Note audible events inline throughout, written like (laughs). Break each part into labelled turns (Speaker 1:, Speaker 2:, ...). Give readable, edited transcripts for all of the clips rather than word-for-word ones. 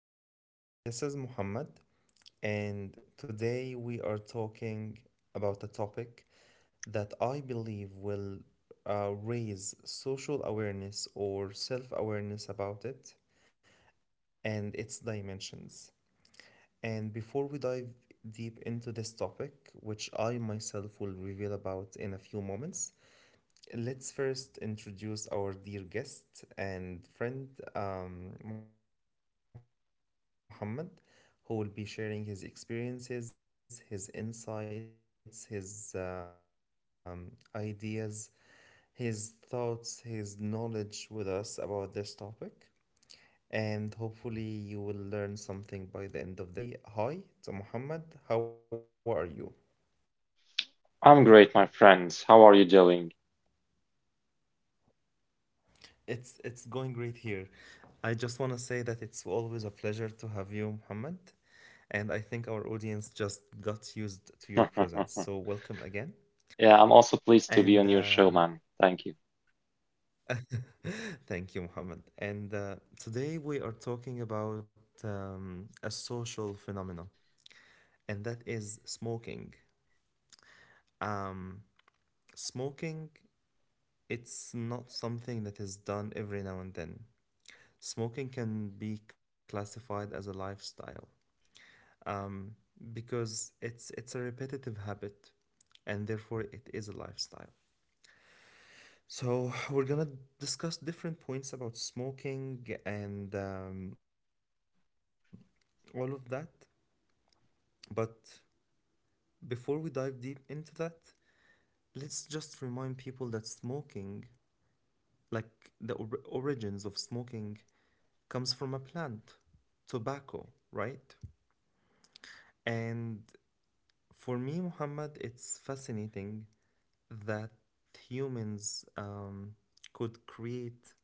Speaker 1: everyone. This is Muhammad, and today we are talking about a topic that I believe will raise social awareness or self awareness about it and its dimensions. And before we dive deep into this topic, which I myself will reveal about in a few moments, let's first introduce our dear guest and friend, Muhammad, who will be sharing his experiences, his insights, his ideas, his thoughts, his knowledge with us about this topic. And hopefully, you will learn something by the end of this session. But before we start, let's just say hi to Muhammad. How are you?
Speaker 2: I'm great, my friend. How are you doing?
Speaker 1: It's going great here. I just want to say that it's always a pleasure to have you, Muhammad, and I think our audience just got used to your presence. So welcome again,
Speaker 2: (laughs) Yeah, I'm
Speaker 1: and
Speaker 2: also pleased to be on your show, man. Thank you.
Speaker 1: thank you, Muhammad. And today we are talking about a social phenomena, and that is smoking. Um, Smoking, it's not something that is done every now and then. Smoking can be classified as a lifestyle. um, because it's a repetitive habit, and therefore it is a lifestyle. So we're gonna discuss different points about smoking and all of that. But before we dive deep into that, let's just remind people that smoking, like the origins of smoking, comes from a plant, tobacco, right? And for me, Muhammad, it's fascinating that humans could create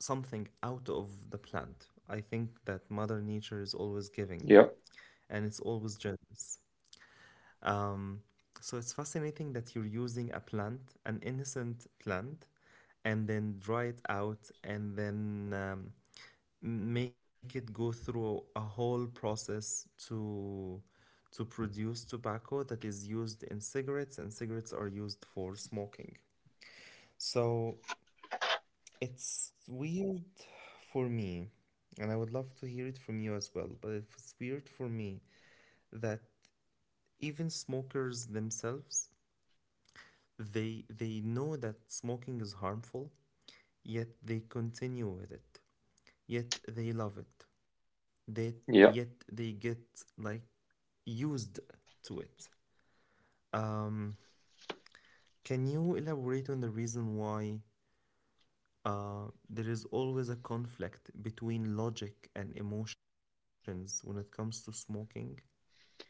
Speaker 1: something out of the plant. I think that Mother Nature is always giving
Speaker 2: Yep,
Speaker 1: and it's always generous. Um, so it's fascinating that you're using a plant, an innocent plant, and then dry it out and then make it go through a whole process to produce tobacco that is used in cigarettes and cigarettes are used for smoking, so it's weird for me, and I would love to hear it from you as well, but it's weird for me that even smokers themselves, they know that smoking is harmful, yet they continue with it. Yet they love it. They, yet
Speaker 2: yep,
Speaker 1: they get, like, used to it. Um, can you elaborate on the reason why there is always a conflict between logic and emotions when it comes to smoking?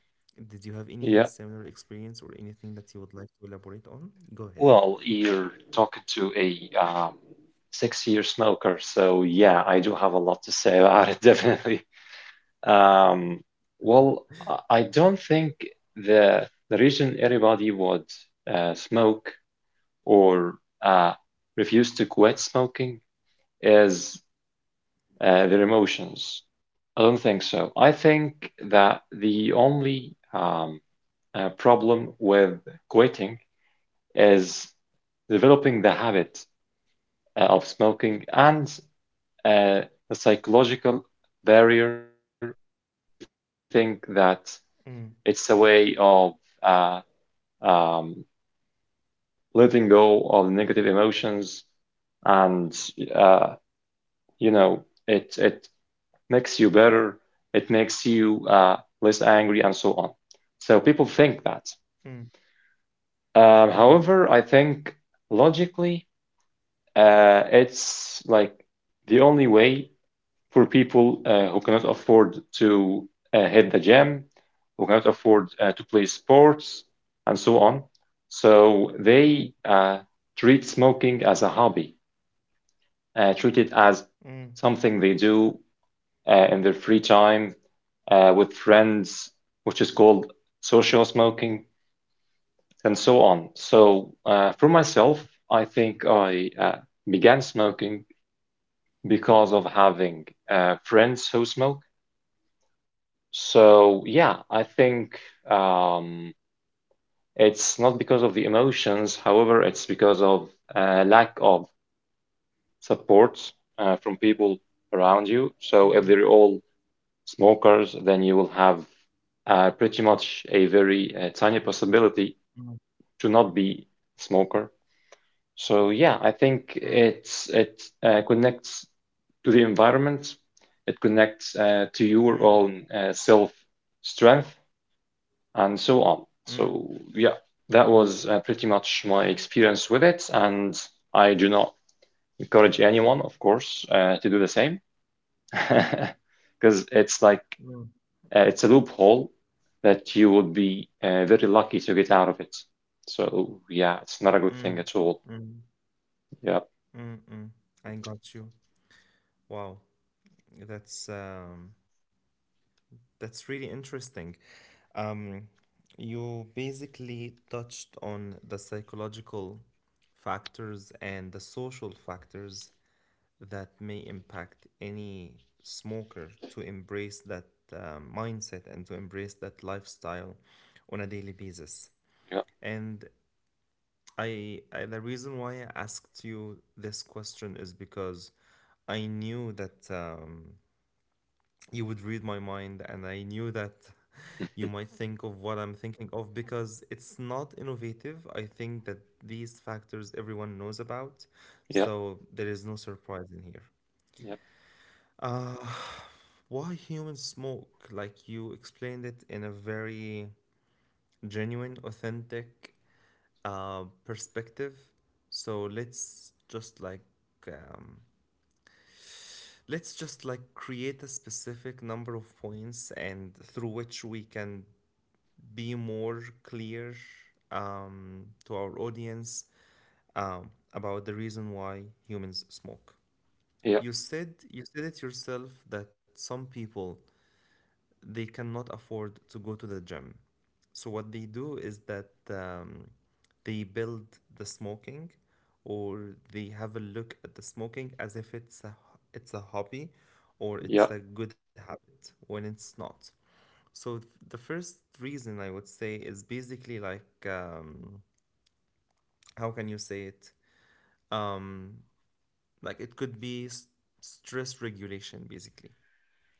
Speaker 1: Did you have any
Speaker 2: yep.
Speaker 1: similar experience or anything that you would like to elaborate on? Go ahead.
Speaker 2: Well, you're talking to a six-year smoker, so yeah, I do have a lot to say about it, (laughs) definitely. Um, well, I don't think the reason everybody would smoke or uh, refuse to quit smoking is their emotions. I don't think so. I think that the only problem with quitting is developing the habit of smoking and uh, a psychological barrier that makes you think that
Speaker 1: Mm,
Speaker 2: it's a way of uh, um, letting go of negative emotions and uh, you know it makes you better, it makes you less angry and so on. So people think that.
Speaker 1: mm, mm,
Speaker 2: However, I think logically, it's like the only way for people who cannot afford to hit the gym, who cannot afford to play sports, and so on. So
Speaker 1: mm,
Speaker 2: they treat smoking as a hobby, treat it as
Speaker 1: mm,
Speaker 2: something they do in their free time with friends, which is called social smoking, and so on. So, for myself, I think I began smoking because of having friends who smoke. So, yeah, I think um, it's not because of the emotions, however, it's because of lack of support from people around you. So, if they're all smokers, then you will have pretty much a very tiny possibility
Speaker 1: mm,
Speaker 2: to not be a smoker. So yeah, I think
Speaker 1: mm, mm,
Speaker 2: it connects to the environment, it connects to your
Speaker 1: mm,
Speaker 2: own self strength and so on.
Speaker 1: mm,
Speaker 2: So yeah, that was pretty much my experience with it, and I do not encourage anyone, of course, to do the same, (laughs) because it's like
Speaker 1: mm,
Speaker 2: it's a loophole that you would be very lucky to get out of it. So yeah, it's not a good
Speaker 1: mm,
Speaker 2: thing at all.
Speaker 1: mm,
Speaker 2: Yeah,
Speaker 1: mm, mm. I got you. Wow, that's um, that's really interesting. Um, you basically touched on the psychological factors and the social factors that may impact any smoker to embrace that mindset and to embrace that lifestyle on a daily basis.
Speaker 2: yeah,
Speaker 1: And I the reason why I asked you this question is because I knew that you would read my mind, and I knew that (laughs) you might think of what I'm thinking of because it's not innovative. I think that these factors everyone knows about,
Speaker 2: yeah,
Speaker 1: so there is no surprise in here.
Speaker 2: yeah,
Speaker 1: Uh, Why humans smoke? Like you explained it in a very genuine, authentic perspective. So um, let's just like create a specific number of points and through which we can be more clear to our audience about the reason why humans smoke.
Speaker 2: yeah.
Speaker 1: You said it yourself that some people they cannot afford to go to the gym. So what they do is that they build the smoking, or they have a look at the smoking as if it's a hobby, or
Speaker 2: Yeah,
Speaker 1: it's a good habit when it's not. So the first reason I would say is basically like, how can you say it? Um, like it could be stress regulation basically,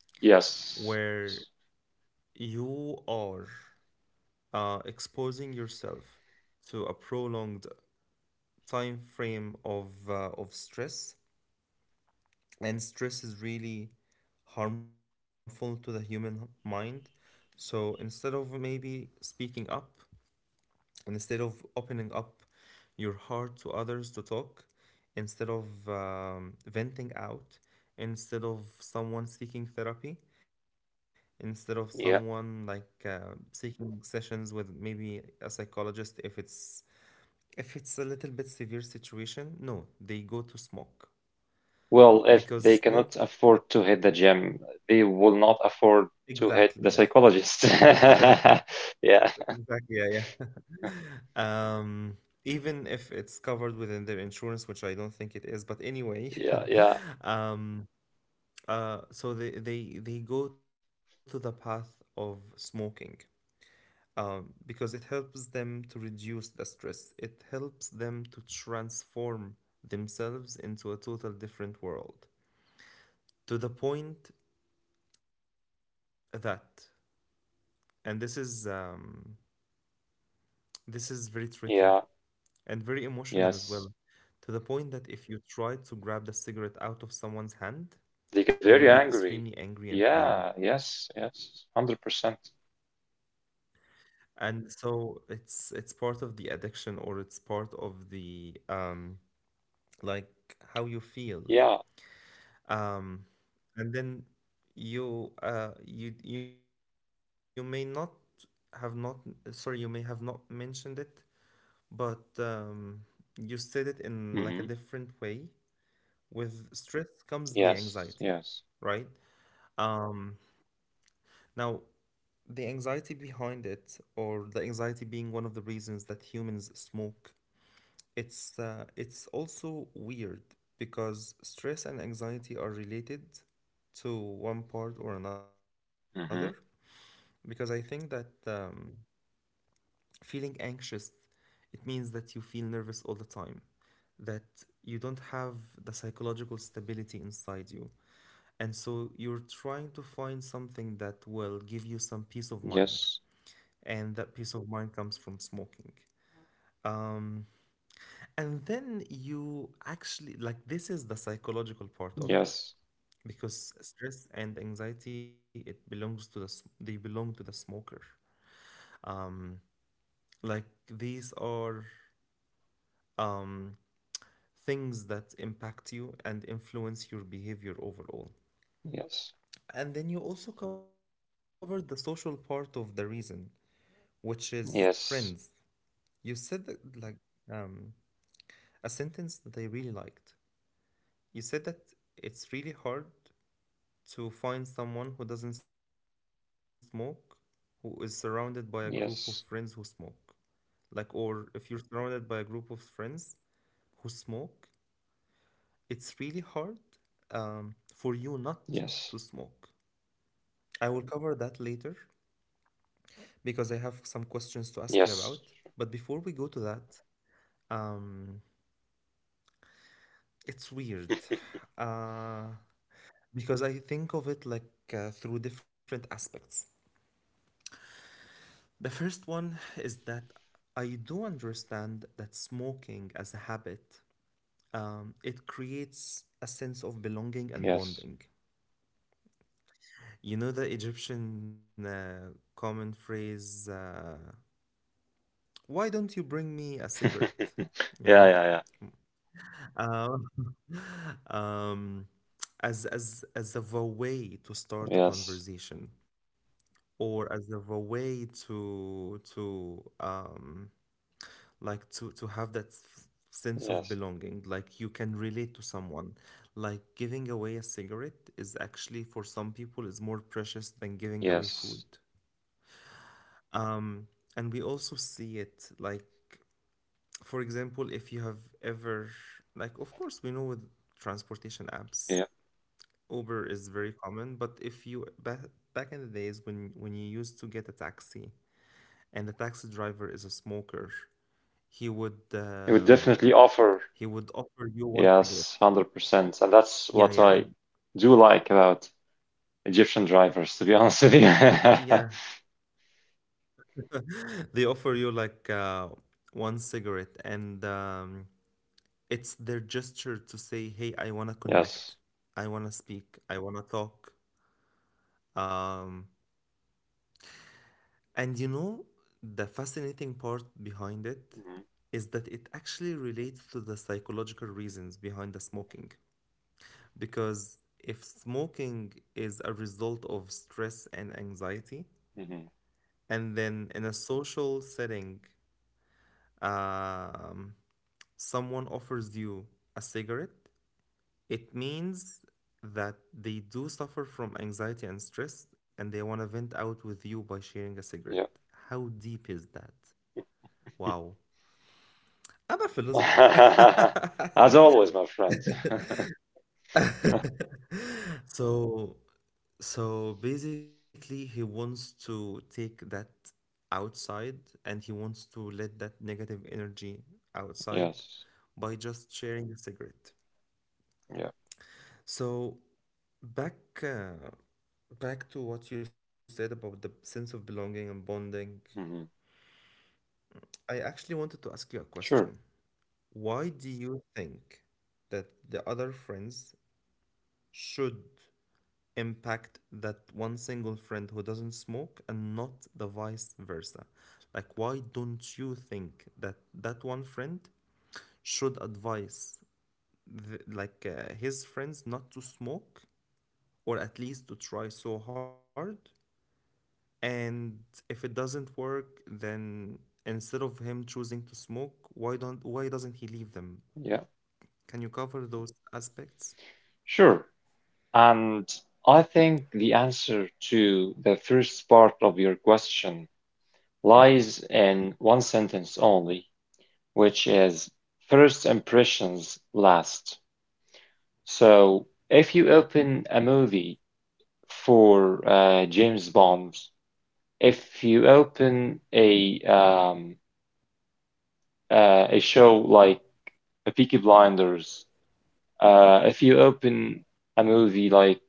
Speaker 2: yes.
Speaker 1: where you are exposing yourself to a prolonged time frame of stress, and stress is really harmful to the human mind, so instead of maybe speaking up and instead of opening up your heart to others to talk, instead of venting out, instead of someone seeking therapy, instead of someone
Speaker 2: Yeah.
Speaker 1: like seeking sessions with maybe a psychologist if it's, if it's a little bit severe situation, no, they go to smoke
Speaker 2: Well, if they
Speaker 1: because
Speaker 2: cannot
Speaker 1: smoke,
Speaker 2: afford to hit the gym, they will not afford
Speaker 1: exactly,
Speaker 2: to
Speaker 1: yes,
Speaker 2: hit the psychologist.
Speaker 1: for the
Speaker 2: (laughs)
Speaker 1: therapy.
Speaker 2: Yeah,
Speaker 1: Exactly, yeah, yeah. (laughs) Um, Even if it's covered within their insurance, which I don't think it is, but anyway,
Speaker 2: yeah, yeah,
Speaker 1: (laughs) um, so they go to the path of smoking, because it helps them to reduce the stress. It helps them to transform themselves into a total different world to the point that, and this is very tricky
Speaker 2: yeah,
Speaker 1: and very emotional as well,
Speaker 2: yes.
Speaker 1: to the point that if you try to grab the cigarette out of someone's hand,
Speaker 2: They get
Speaker 1: they will
Speaker 2: very
Speaker 1: be
Speaker 2: angry.
Speaker 1: extremely angry and furious,
Speaker 2: Yeah, yes, yes, 100%.
Speaker 1: and so it's part of the addiction, or it's part of the, um, like, how you feel.
Speaker 2: Yeah.
Speaker 1: um and then you may not have not, sorry, you may have not mentioned it, but you said it in like a different way.
Speaker 2: Mm-hmm.
Speaker 1: With stress comes the anxiety,
Speaker 2: Yes,
Speaker 1: right?
Speaker 2: yes.
Speaker 1: Um, Now, the anxiety behind it, or the anxiety being one of the reasons that humans smoke, it's also weird because stress and anxiety are related to one part or another.
Speaker 2: Mm-hmm.
Speaker 1: Because I think that feeling anxious, it means that you feel nervous all the time, that you don't have the psychological stability inside you, and so you're trying to find something that will give you some peace of mind,
Speaker 2: Yes,
Speaker 1: and that peace of mind comes from smoking. um, and then you actually, like, this is the psychological part of it,
Speaker 2: yes,
Speaker 1: because stress and anxiety, it belongs to the they belong to the smoker. Um, like these are, um, things that impact you and influence your behavior overall.
Speaker 2: yes,
Speaker 1: And then you also covered the social part of the reason, which is friends.
Speaker 2: yes,
Speaker 1: You said that, like, um, a sentence that I really liked. You said that it's really hard to find someone who doesn't smoke, who is surrounded by a group of friends who smoke.
Speaker 2: yes,
Speaker 1: Like, or if you're surrounded by a group of friends who smoke, it's really hard for you not to
Speaker 2: yes,
Speaker 1: smoke. I will cover that later because I have some questions to ask you about.
Speaker 2: yes,
Speaker 1: But before we go to that, um, it's weird, uh, because I think of it like through different aspects. The first one is that I do understand that smoking as a habit, it creates a sense of belonging and
Speaker 2: yes.
Speaker 1: bonding. You know the Egyptian common phrase, "Why don't you bring me a cigarette?"
Speaker 2: (laughs)
Speaker 1: You
Speaker 2: Yeah,
Speaker 1: know.
Speaker 2: yeah, yeah.
Speaker 1: Um, um, as of a way to start a
Speaker 2: Yes.
Speaker 1: conversation, or as of a way to like to have that sense of
Speaker 2: Yes.
Speaker 1: belonging, like you can relate to someone, like giving away a cigarette is actually for some people is more precious than giving away food,
Speaker 2: Yes.
Speaker 1: um, and we also see it like, for example, if you have ever, like, of course, we know with transportation apps,
Speaker 2: Yeah.
Speaker 1: Uber is very common, but if you back, back in the days when you used to get a taxi and the taxi driver is a smoker, he would
Speaker 2: It would
Speaker 1: um,
Speaker 2: definitely offer.
Speaker 1: he would offer you one
Speaker 2: Yes,
Speaker 1: cigarette.
Speaker 2: 100%. And that's what
Speaker 1: Yeah,
Speaker 2: I
Speaker 1: yeah,
Speaker 2: do like about Egyptian drivers, to be (laughs) honest with you.
Speaker 1: yeah.
Speaker 2: (laughs)
Speaker 1: (laughs) They offer you like one cigarette, and it's their gesture to say, "Hey, I wanna
Speaker 2: Yes.
Speaker 1: connect. I wanna speak. I wanna talk." Um, And you know, the fascinating part behind it
Speaker 2: Hmm.
Speaker 1: is that it actually relates to the psychological reasons behind the smoking. Because if smoking is a result of stress and anxiety,
Speaker 2: Hmm.
Speaker 1: and then in a social setting, um, someone offers you a cigarette, it means that they do suffer from anxiety and stress and they want to vent out with you by sharing a cigarette.
Speaker 2: Yeah.
Speaker 1: How deep is that? Wow. I'm a philosopher. (laughs)
Speaker 2: (laughs) As always, my friend.
Speaker 1: So, so basically, he wants to take that outside and he wants to let that negative energy outside
Speaker 2: Yes.
Speaker 1: by just sharing a cigarette.
Speaker 2: Yeah.
Speaker 1: So, back, uh, back to what you said about the sense of belonging and bonding,
Speaker 2: Hmm.
Speaker 1: I actually wanted to ask you a
Speaker 2: Sure.
Speaker 1: question. Why do you think that the other friends should impact that one single friend who doesn't smoke and not the vice versa? Like, why don't you think that that one friend should advise the, like his friends not to smoke, or at least to try so hard? And if it doesn't work, then instead of him choosing to smoke, why doesn't he leave them?
Speaker 2: Yeah.
Speaker 1: Can you cover those aspects?
Speaker 2: Sure. And I think the answer to the first part of your question lies in one sentence only, which is first impressions last. So if you open a movie for James Bond, if you open a a show like The Peaky Blinders, if you open a movie like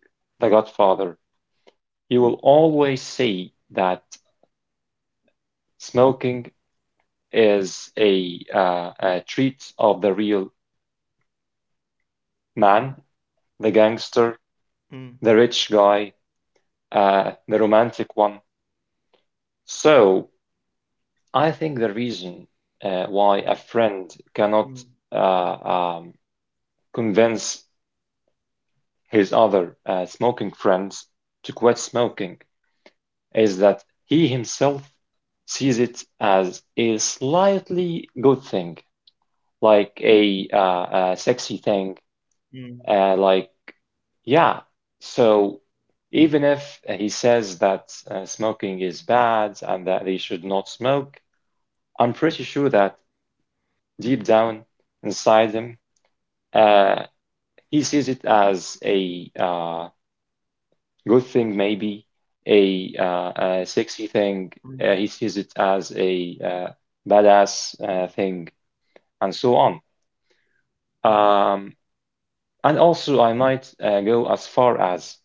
Speaker 2: The Godfather, you will always see that smoking is a treat of the real man, the gangster,
Speaker 1: Mm,
Speaker 2: the rich guy, the romantic one. So I think the reason why a friend cannot
Speaker 1: mm,
Speaker 2: uh, um, convince his other smoking friends to quit smoking is that he himself sees it as a slightly good thing, like a sexy thing,
Speaker 1: mm,
Speaker 2: like, yeah. So even if he says that smoking is bad and that they should not smoke, I'm pretty sure that deep down inside him, uh, he sees it as a good thing, maybe a sexy thing.
Speaker 1: mm,
Speaker 2: He sees it as a badass thing, and so on.
Speaker 1: mm,
Speaker 2: Um, and also, I might go as far as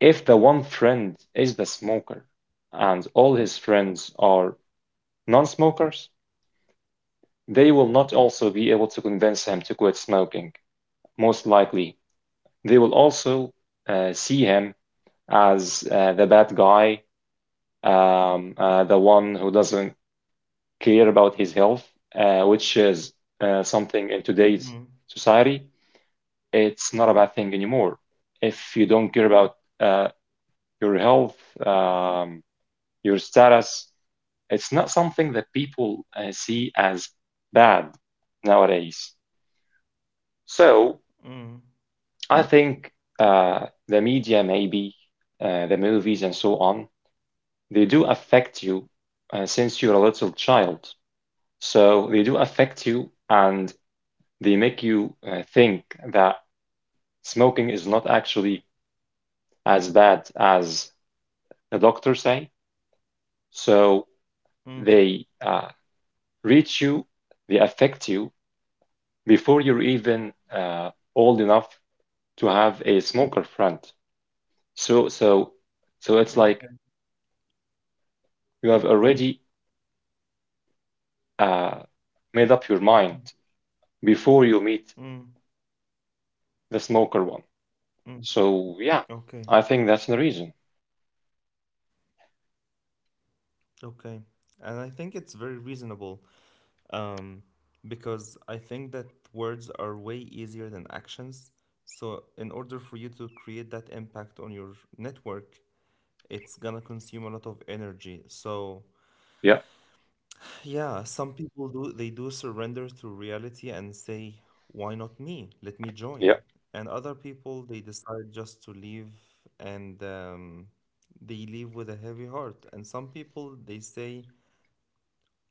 Speaker 2: if the one friend is the smoker and all his friends are non-smokers, they will not also be able to convince him to quit smoking, most likely they will also see him as the bad guy, the one who doesn't care about his health, which is something in today's
Speaker 1: mm,
Speaker 2: society. It's not a bad thing anymore. If you don't care about your health, um, your status, it's not something that people see as bad nowadays. So
Speaker 1: mm.
Speaker 2: I think the media, maybe the movies and so on, they do affect you since you're a little child. So they do affect you and they make you think that smoking is not actually as bad as the doctors say. So
Speaker 1: Mm.
Speaker 2: they reach you, they affect you before you're even old enough to have a smoker friend. So so so it's like
Speaker 1: Okay.
Speaker 2: you have already uh, made up your mind
Speaker 1: Mm,
Speaker 2: before you meet
Speaker 1: mm,
Speaker 2: the smoker one.
Speaker 1: mm.
Speaker 2: So yeah, I think
Speaker 1: Okay.
Speaker 2: that's the reason.
Speaker 1: Okay. And I think it's very reasonable, um, because I think that words are way easier than actions. So in order for you to create that impact on your network, it's gonna consume a lot of energy. So,
Speaker 2: Yeah,
Speaker 1: yeah, some people do, they do surrender to reality and say, why not me? Let me
Speaker 2: yeah,
Speaker 1: join. And other people, they decide just to leave and they leave with a heavy heart. And some people, they say,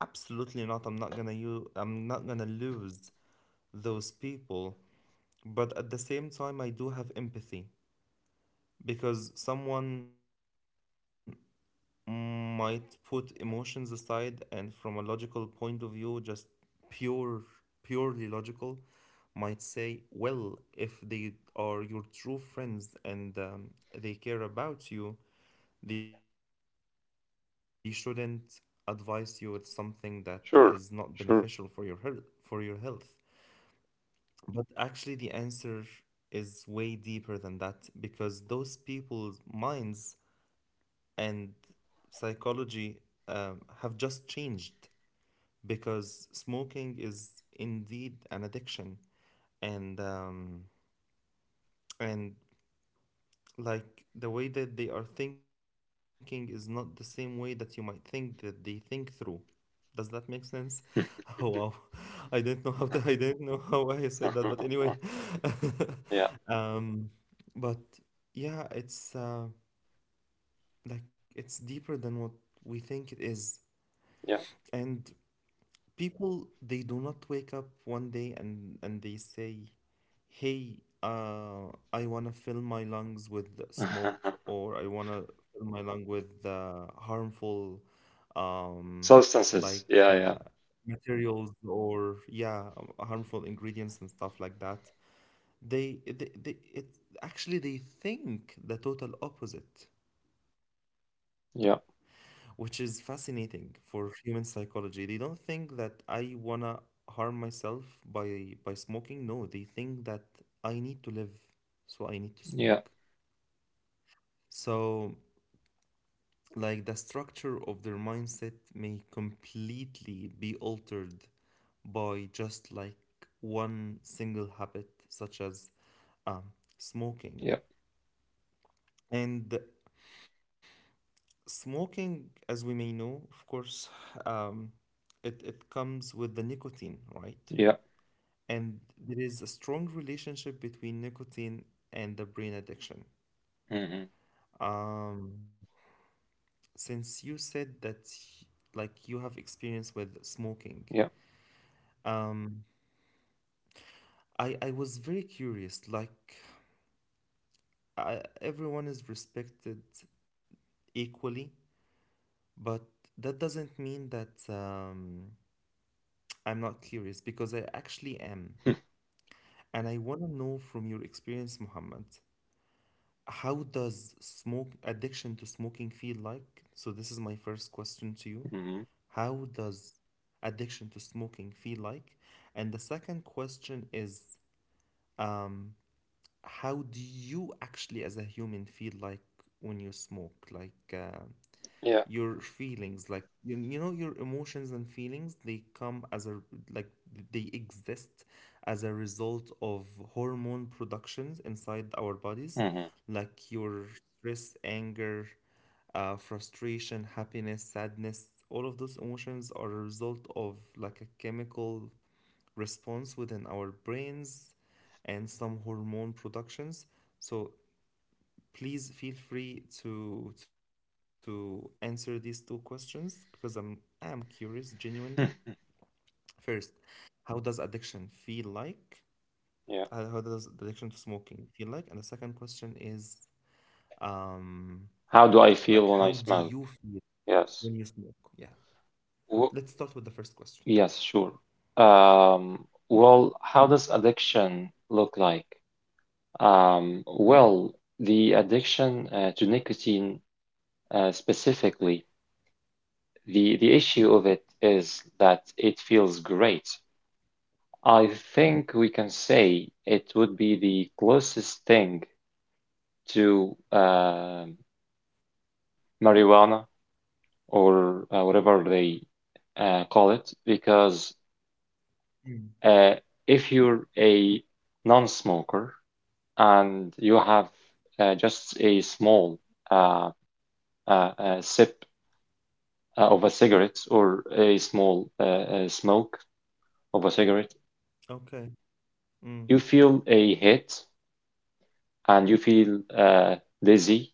Speaker 1: absolutely not, I'm not gonna lose those people. But at the same time, I do have empathy because someone might put emotions aside, and from a logical point of view, just pure purely logical, might say, well, if they are your true friends, and they care about you, they shouldn't advise you with something that is not beneficial for your health
Speaker 2: sure,
Speaker 1: for your
Speaker 2: sure.
Speaker 1: health But actually, the answer is way deeper than that, because those people's minds and psychology have just changed, because smoking is indeed an addiction, and um, and like, the way that they are thinking is not the same way that you might think that they think through. Does that make sense? (laughs) Oh, wow.
Speaker 2: (laughs)
Speaker 1: I didn't know how to I didn't know how I said that, but anyway. (laughs)
Speaker 2: Yeah,
Speaker 1: um but yeah, it's like it's deeper than what we think it is.
Speaker 2: yeah.
Speaker 1: And people, they do not wake up one day and they say, "Hey, I wanna fill my lungs with smoke,
Speaker 2: (laughs)
Speaker 1: or I wanna fill my lung with harmful, um,
Speaker 2: Substances.
Speaker 1: like,
Speaker 2: Yeah, yeah,
Speaker 1: materials, or yeah, harmful ingredients and stuff like that." They, it actually they think the total opposite, which
Speaker 2: yeah,
Speaker 1: is fascinating for human psychology. They don't think that I wanna harm myself by smoking. No, they think that I need to live, so I need to smoke.
Speaker 2: yeah,
Speaker 1: So like, the structure of their mindset may completely be altered by just like, one single habit, such as um, smoking.
Speaker 2: yeah,
Speaker 1: And smoking, as we may know, of course, um, it comes with the nicotine, right?
Speaker 2: yeah.
Speaker 1: And there is a strong relationship between nicotine and the brain addiction.
Speaker 2: Mm-hmm.
Speaker 1: Um, since you said that like, you have experience with smoking,
Speaker 2: Yeah.
Speaker 1: um, I was very curious, like, everyone is respected equally, but that doesn't mean that I'm not curious, because I actually am.
Speaker 2: (laughs)
Speaker 1: And I want to know from your experience, Muhammad, how does smoke addiction to smoking feel like? So this is my first question to you.
Speaker 2: Mm-hmm.
Speaker 1: How does addiction to smoking feel like? And the second question is, um, how do you actually, as a human, feel like when you smoke? Like,
Speaker 2: Yeah.
Speaker 1: your feelings, like, you know, your emotions and feelings, they come as a like, they exist as a result of hormone productions inside our bodies,
Speaker 2: Mm-hmm.
Speaker 1: like your stress, anger, frustration, happiness, sadness. All of those emotions are a result of, like, a chemical response within our brains and some hormone productions. So please feel free to answer these two questions, because I'm curious, genuinely. First, how does addiction feel like? Uh,
Speaker 2: (laughs) Yeah.
Speaker 1: How does addiction to smoking feel like? And the second question is, um,
Speaker 2: How do I
Speaker 1: like,
Speaker 2: feel
Speaker 1: how
Speaker 2: when
Speaker 1: do
Speaker 2: I
Speaker 1: you
Speaker 2: smoke?
Speaker 1: feel when you
Speaker 2: Yes.
Speaker 1: smoke? Yeah.
Speaker 2: W
Speaker 1: Let's start with the first question.
Speaker 2: yes, sure. Um, well, how does addiction look like? Well, the addiction to nicotine specifically. The issue of it is that it feels great. I think we can say it would be the closest thing to marijuana or whatever they call it, because
Speaker 1: Mm.
Speaker 2: uh, if you're a non-smoker and you have just a small uh, sip of a cigarette or a small smoke of a cigarette,
Speaker 1: Okay. Mm,
Speaker 2: you feel a hit and you feel dizzy.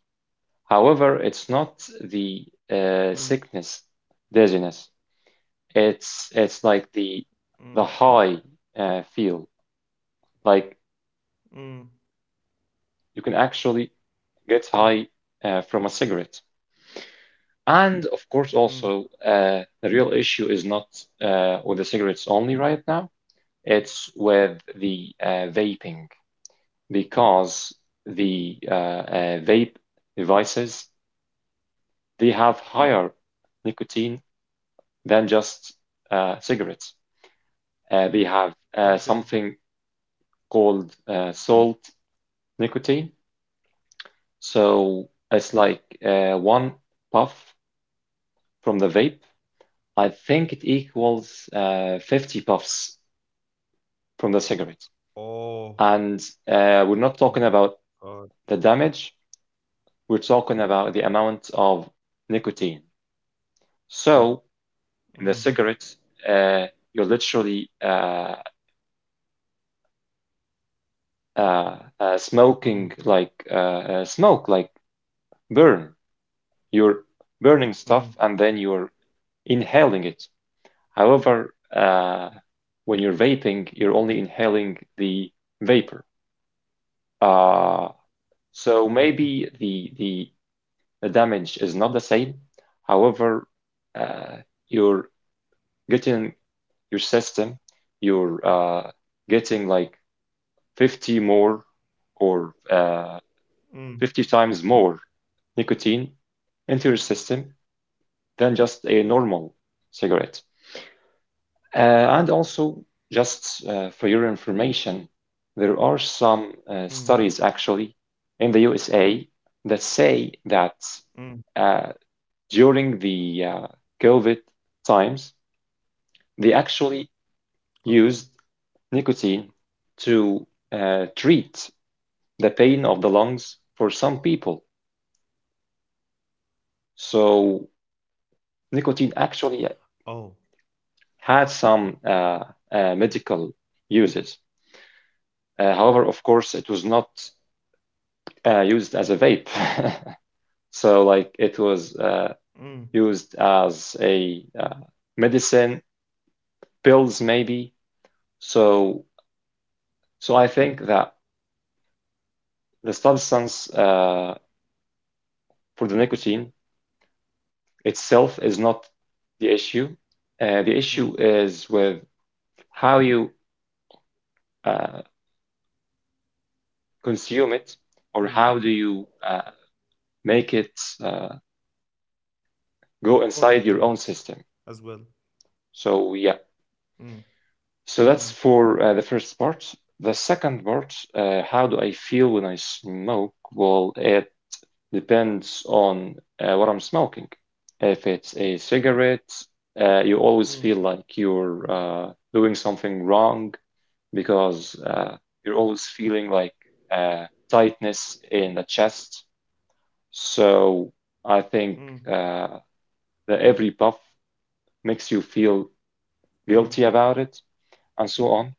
Speaker 2: However, it's not
Speaker 1: mm,
Speaker 2: the sickness, dizziness. It's like the
Speaker 1: mm,
Speaker 2: high feel. Like
Speaker 1: mm,
Speaker 2: you can actually get
Speaker 1: mm,
Speaker 2: high from a cigarette. And of
Speaker 1: mm.
Speaker 2: course, also the real issue is not with the cigarettes only right now. It's with the vaping because the vape devices they have higher nicotine than just cigarettes. They have
Speaker 1: Okay.
Speaker 2: something called salt nicotine. So it's like one puff from the vape. I think it equals 50 puffs from the cigarette.
Speaker 1: Oh
Speaker 2: And we're not talking
Speaker 1: my
Speaker 2: about
Speaker 1: God.
Speaker 2: the damage, we're talking about the amount of nicotine. So in
Speaker 1: Mm,
Speaker 2: the cigarette, uh, you're literally uh,
Speaker 1: mm,
Speaker 2: smoking like smoke, like burn. You're burning
Speaker 1: mm,
Speaker 2: stuff and then you're inhaling it. However, when you're vaping, you're only inhaling the vapor. Uh, so
Speaker 1: mm, mm,
Speaker 2: maybe the damage is not the same. However, uh, you're getting your system, you're getting like 50 more or
Speaker 1: mm,
Speaker 2: 50 times more nicotine into your system than just a normal cigarette. Uh, and also, just for your information, there are some
Speaker 1: mm.
Speaker 2: studies actually in the USA that say that
Speaker 1: Mm,
Speaker 2: uh, during the COVID times, they actually
Speaker 1: okay.
Speaker 2: used nicotine to treat the pain of the lungs for some people. So
Speaker 1: Oh.
Speaker 2: nicotine actually had some medical uses. However, of course, it was not used as a vape. (laughs) So, like, it was
Speaker 1: Mm,
Speaker 2: used as a medicine, pills maybe. So, so I think that the substance for the nicotine itself is not the issue.
Speaker 1: mm,
Speaker 2: The issue is with how you uh, consume it
Speaker 1: mm.
Speaker 2: or how do you make it
Speaker 1: Respond to
Speaker 2: go
Speaker 1: it
Speaker 2: inside your own
Speaker 1: as well.
Speaker 2: system. So, yeah,
Speaker 1: Mm, mm,
Speaker 2: so that's for the first part. The second part, how do I feel when I smoke? Well, it depends on what I'm smoking. If it's a cigarette,
Speaker 1: mm,
Speaker 2: you always feel like you're doing something wrong because you're always feeling like uh, tightness in the chest. So I
Speaker 1: mm,
Speaker 2: think uh, that every puff makes you feel
Speaker 1: mm,
Speaker 2: guilty about it and so on.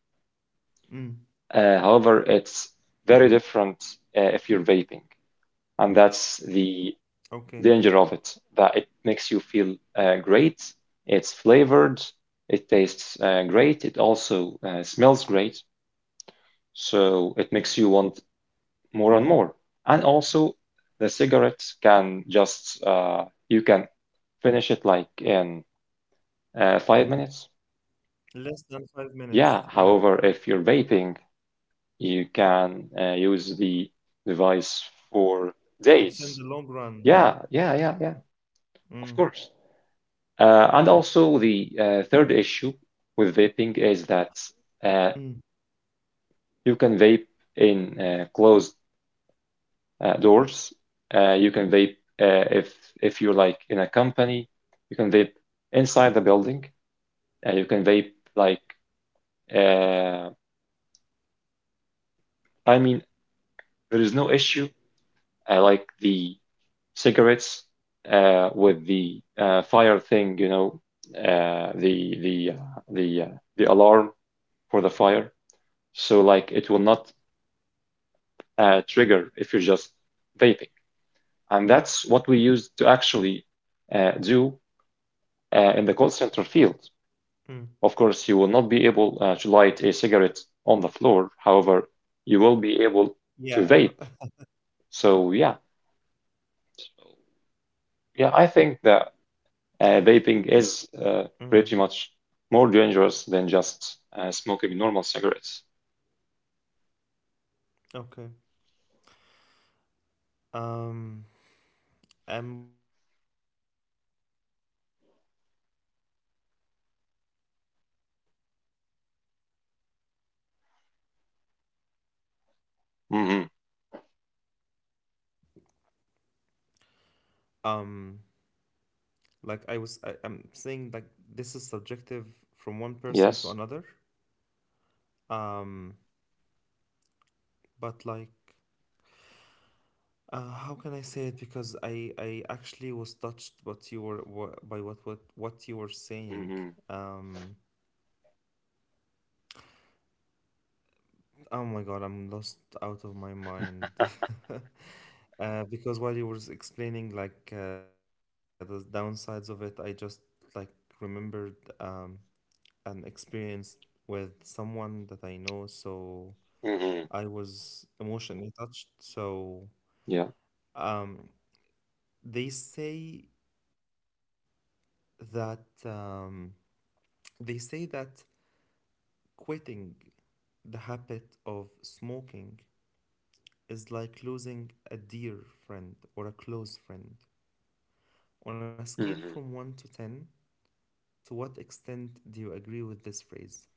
Speaker 1: mm.
Speaker 2: However, it's very different if you're vaping, and that's the
Speaker 1: Okay.
Speaker 2: danger of it. That it makes you feel great. It's flavored. It tastes great. It also smells great. So it makes you want more and more. And also, the cigarette can just you can finish it like in 5 minutes.
Speaker 1: Less than five
Speaker 2: Yeah.
Speaker 1: minutes. Yeah.
Speaker 2: However, if you're vaping, you can use the device for
Speaker 1: It's
Speaker 2: days.
Speaker 1: in the long run.
Speaker 2: Yeah, yeah, yeah, yeah,
Speaker 1: Mm,
Speaker 2: of course. And also, the third issue with vaping is that uh,
Speaker 1: mm,
Speaker 2: you can vape in closed doors. You can vape uh, if if you're like in a company. You can vape inside the building. You can vape like uh, I mean, there is no issue like the cigarettes with the fire thing, you know, uh, the the uh, the uh, the alarm for the fire. So like it will not trigger if you're just vaping, and that's what we use to actually do in the call center field.
Speaker 1: mm.
Speaker 2: Of course, you will not be able to light a cigarette on the floor. However, you will be able to
Speaker 1: Yeah.
Speaker 2: vape.
Speaker 1: (laughs)
Speaker 2: So yeah, yeah, I think that vaping is
Speaker 1: Mm,
Speaker 2: pretty much more dangerous than just smoking normal cigarettes.
Speaker 1: okay. Um, and both, like, they have their again, this is subjective to person. (clears throat)
Speaker 2: Hmm.
Speaker 1: um like, I'm saying, like, this is subjective from one person to another.
Speaker 2: Yes.
Speaker 1: um but, like, how can I say it, because I actually was touched what you were wha- by what you were saying.
Speaker 2: Hmm.
Speaker 1: um oh my god, I'm lost out of my mind. (laughs) Because while you were explaining, like, the downsides of it, I just like remembered an experience with someone that I know, so
Speaker 2: Hmm.
Speaker 1: I was emotionally touched. So
Speaker 2: Yeah.
Speaker 1: um, they say that they say that quitting the habit of smoking is like losing a dear friend or a close friend. On a scale
Speaker 2: Hmm.
Speaker 1: from 1 to 10, to what extent do you agree with this phrase?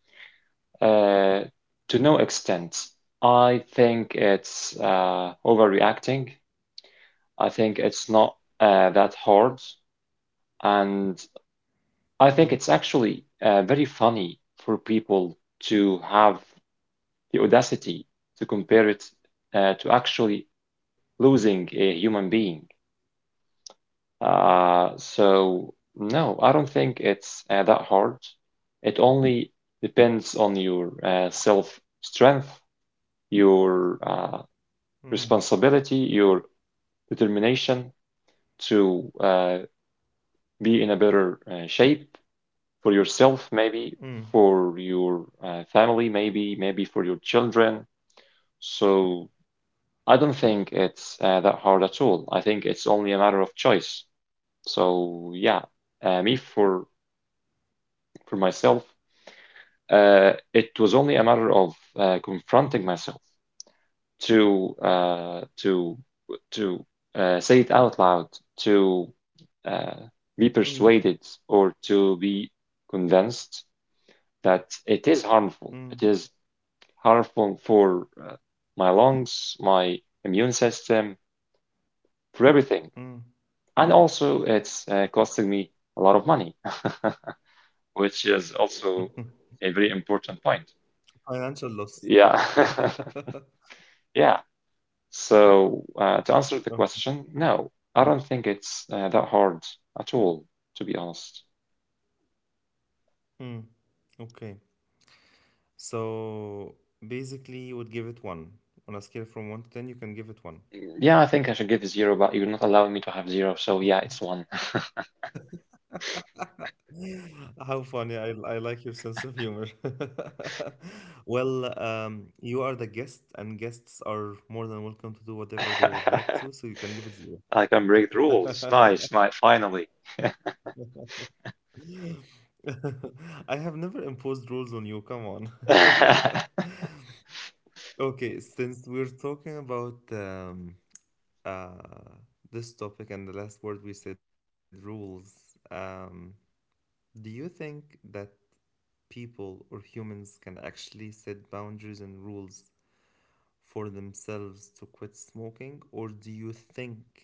Speaker 2: Uh, to no extent, I think it's overreacting. I think it's not that hard, and I
Speaker 1: Mm,
Speaker 2: think it's actually very funny for people to have the audacity to compare it to actually losing a human being. So no, I don't think it's that hard. It only depends on your self strength, your
Speaker 1: mm,
Speaker 2: responsibility, your determination to be in a better shape for yourself, maybe
Speaker 1: mm,
Speaker 2: for your family, maybe for your children. So I don't think it's that hard at all. I think it's only a matter of choice. So yeah, me for myself. It was only a matter of confronting myself to uh, to to say it out loud, to uh, be
Speaker 1: mm,
Speaker 2: persuaded or to be convinced that it is harmful. It
Speaker 1: mm,
Speaker 2: is harmful for my lungs, my immune system, for everything.
Speaker 1: mm.
Speaker 2: And also, it's costing me a lot of money, (laughs) which is also a
Speaker 1: (laughs)
Speaker 2: very important point.
Speaker 1: Financial loss.
Speaker 2: Yeah.
Speaker 1: (laughs)
Speaker 2: (laughs) Yeah. So, to answer the
Speaker 1: Oh,
Speaker 2: question, no, I don't think it's that hard at all, to be honest.
Speaker 1: mm, okay. So basically, you would give it one. On a scale from 1 to 10, you can give it one.
Speaker 2: Yeah, I think I should give zero, but you're not allowing me to have zero, so yeah, it's one.
Speaker 1: (laughs) How funny. I like your sense of humor. (laughs) Well, you are the guest, and guests are more than welcome to do whatever they would like to, so
Speaker 2: (laughs)
Speaker 1: you can give it zero.
Speaker 2: I can break the rules. Nice, nice, finally.
Speaker 1: (laughs) I have never imposed rules on you. Come on.
Speaker 2: (laughs)
Speaker 1: (laughs)
Speaker 2: hmm
Speaker 1: Okay, since we're talking about uh, this topic, and the last word we said, rules. Do you think that people or humans can actually set boundaries and rules for themselves to quit smoking? Or do you think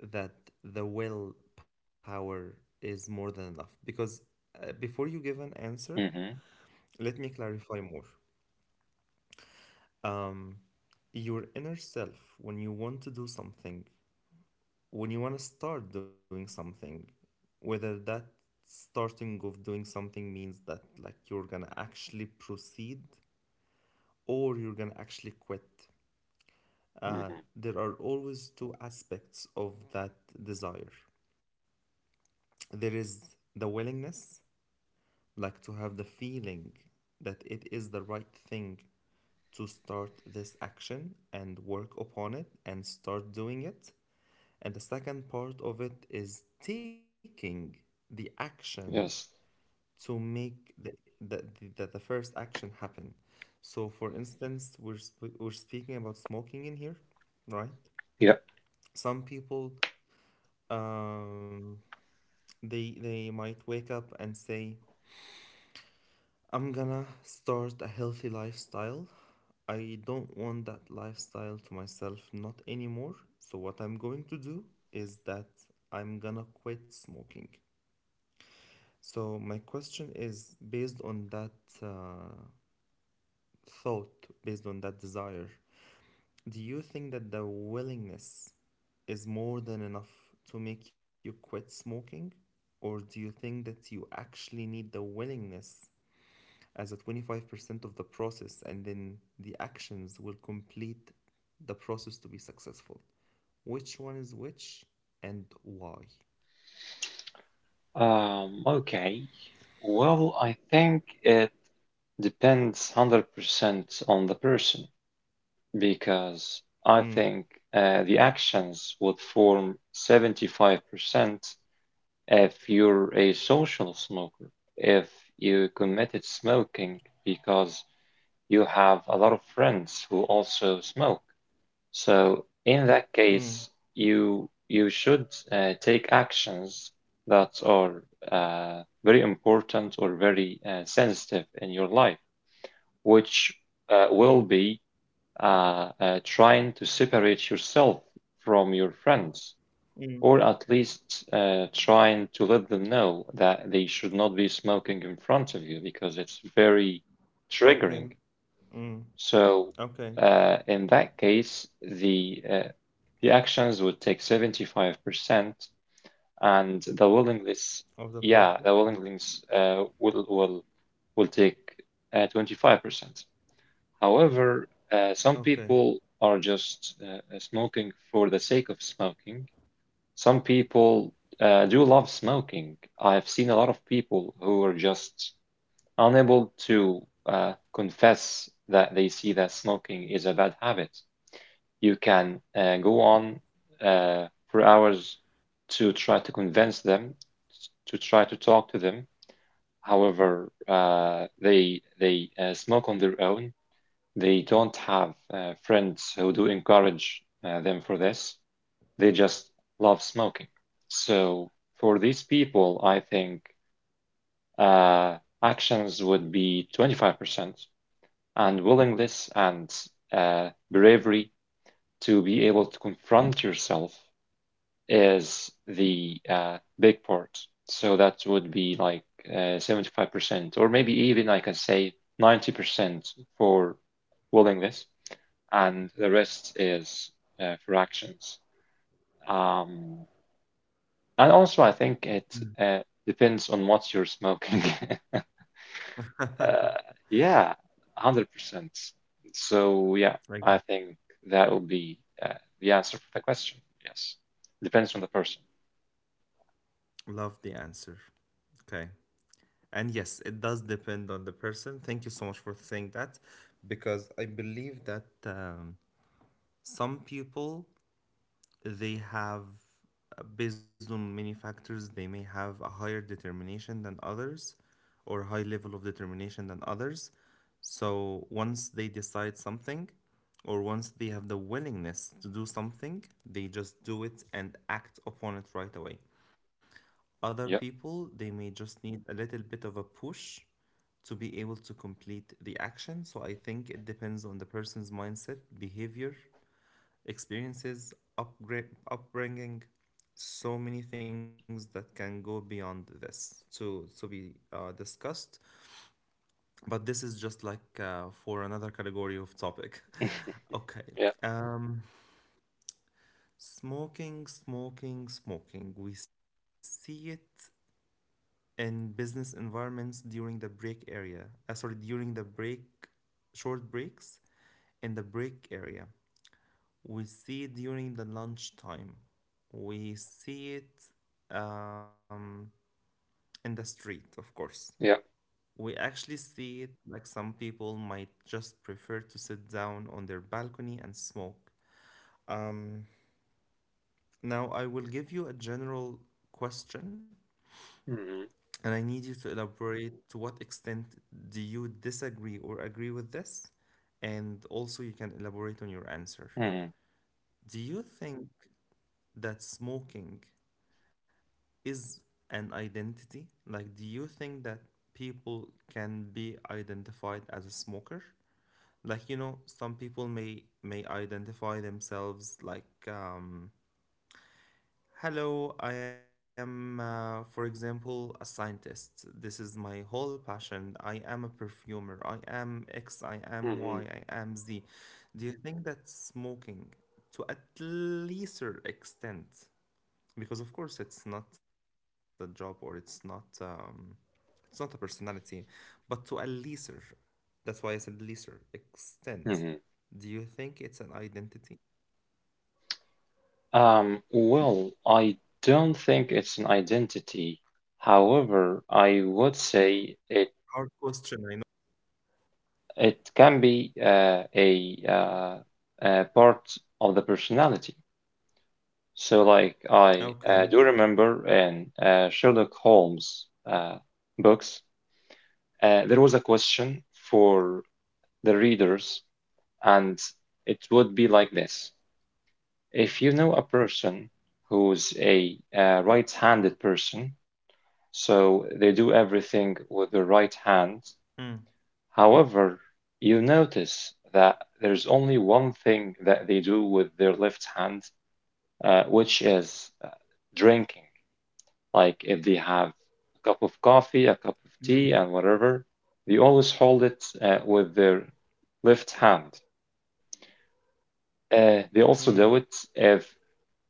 Speaker 1: that the willpower is more than enough? Because before you give an answer,
Speaker 2: hmm
Speaker 1: let me clarify more. Um, your inner self, when you want to do something, when you want to start doing something, whether that starting of doing something means that, like, you're gonna actually proceed, or you're gonna actually quit. Uh, there are always two aspects of that desire. There is the willingness, like, to have the feeling that it is the right thing to start this action and work upon it and start doing it. And the second part of it is taking the action
Speaker 2: Yes.
Speaker 1: to make the, the first action happen. So, for instance, we're speaking about smoking in here, right?
Speaker 2: Yep.
Speaker 1: Some people, um, they might wake up and say, I'm gonna start a healthy lifestyle. I don't want that lifestyle to myself, not anymore. So, what I'm going to do is that I'm gonna quit smoking. So, my question is based on that uh, thought, based on that desire, do you think that the willingness is more than enough to make you quit smoking? Or do you think that you actually need the willingness as a 25% of the process, and then the actions will complete the process to be successful? Which one is which, and why?
Speaker 2: Okay. Well, I think it depends 100% on the person. Because I
Speaker 1: Mm,
Speaker 2: think the actions would form 75% if you're a social smoker. If you committed smoking because you have a lot of friends who also smoke. So in that
Speaker 1: mm,
Speaker 2: case, you should take actions that are very important or very sensitive in your life, which
Speaker 1: mm,
Speaker 2: will be trying to separate yourself from your friends,
Speaker 1: mm.
Speaker 2: or at least trying to let them know that they should not be smoking in front of you because it's very
Speaker 1: Okay.
Speaker 2: triggering.
Speaker 1: Mm,
Speaker 2: So,
Speaker 1: okay.
Speaker 2: in that case, the actions would take 75%, and the
Speaker 1: Of the
Speaker 2: willingness,
Speaker 1: process.
Speaker 2: yeah, the willingness will take 25%. However,
Speaker 1: Okay.
Speaker 2: some people are just smoking for the sake of smoking. Some people do love smoking. I've seen a lot of people who are just unable to confess that they see that smoking is a bad habit. You can go on for hours to try to convince them, to try to talk to them. However, they smoke on their own. They don't have friends who do encourage them for this. They just love smoking. So for these people, I think uh, actions would be 25% and willingness and bravery to be able to confront yourself is the big part. So that would be like 75%, or maybe even I can say 90% for willingness and the rest is for actions. Um, and also, I think it uh, depends on what you're smoking.
Speaker 1: (laughs)
Speaker 2: (laughs)
Speaker 1: I
Speaker 2: uh, yeah, 100%. So, yeah, I think that will be uh, the answer for the question. Yes, depends on the person.
Speaker 1: love the answer. Okay. And yes, it does depend on the person. Thank you so much for saying that, because I believe that some people, they have, based on many factors, they may have a higher determination than others, or high level of determination than others. So once they decide something, or once they have the willingness to do something, they just do it and act upon it right away. Other
Speaker 2: Yeah,
Speaker 1: people, they may just need a little bit of a push to be able to complete the action. So I think it depends on the person's mindset, behavior, experiences, upgrade, upbringing, so many things that can go beyond this to be discussed. But this is just like, for another category of topic. (laughs) Okay.
Speaker 2: (laughs) yeah,
Speaker 1: Um, Smoking, smoking, smoking. We see it in business environments during the break area. Sorry, during the break, short breaks in the break area. We see it during the lunchtime. We see it um, in the street, of course.
Speaker 2: yeah.
Speaker 1: We actually see it, like, some people might just prefer to sit down on their balcony and smoke. Um, now, I will give you a general question.
Speaker 2: Mm-hmm.
Speaker 1: And I need you to elaborate to what extent do you disagree or agree with this? And also, you can elaborate on your answer.
Speaker 2: Mm-hmm.
Speaker 1: Do you think that smoking is an identity? Like, do you think that people can be identified as a smoker? Like, you know, some people may identify themselves, like, hello, I am, for example, a scientist. This is my whole passion. I am a perfumer. I am X, I am Y,
Speaker 2: Mm-hmm.
Speaker 1: I am Z. Do you think that smoking, to at least an extent, because of course it's not a job, or it's not a personality, but to a lesser, that's why I said lesser extent.
Speaker 2: Mm-hmm.
Speaker 1: Do you think it's an identity?
Speaker 2: Well, I don't think it's
Speaker 1: Hard
Speaker 2: an
Speaker 1: question, I know,
Speaker 2: identity.
Speaker 1: but
Speaker 2: However, I would
Speaker 1: mm,
Speaker 2: say it it can be a part of the personality. So, like, I do
Speaker 1: okay.
Speaker 2: remember in Sherlock Holmes books, there was a question for the readers, and it would be like this: if you know a person who's a right-handed person, so they do everything
Speaker 1: Mm.
Speaker 2: with their right hand, however, you notice that there's only one thing that they do with their left hand, which is drinking. Like if they have a cup of coffee,
Speaker 1: Mm.
Speaker 2: a cup of tea, and whatever, they always hold it with their left hand. They also
Speaker 1: Mm,
Speaker 2: do it if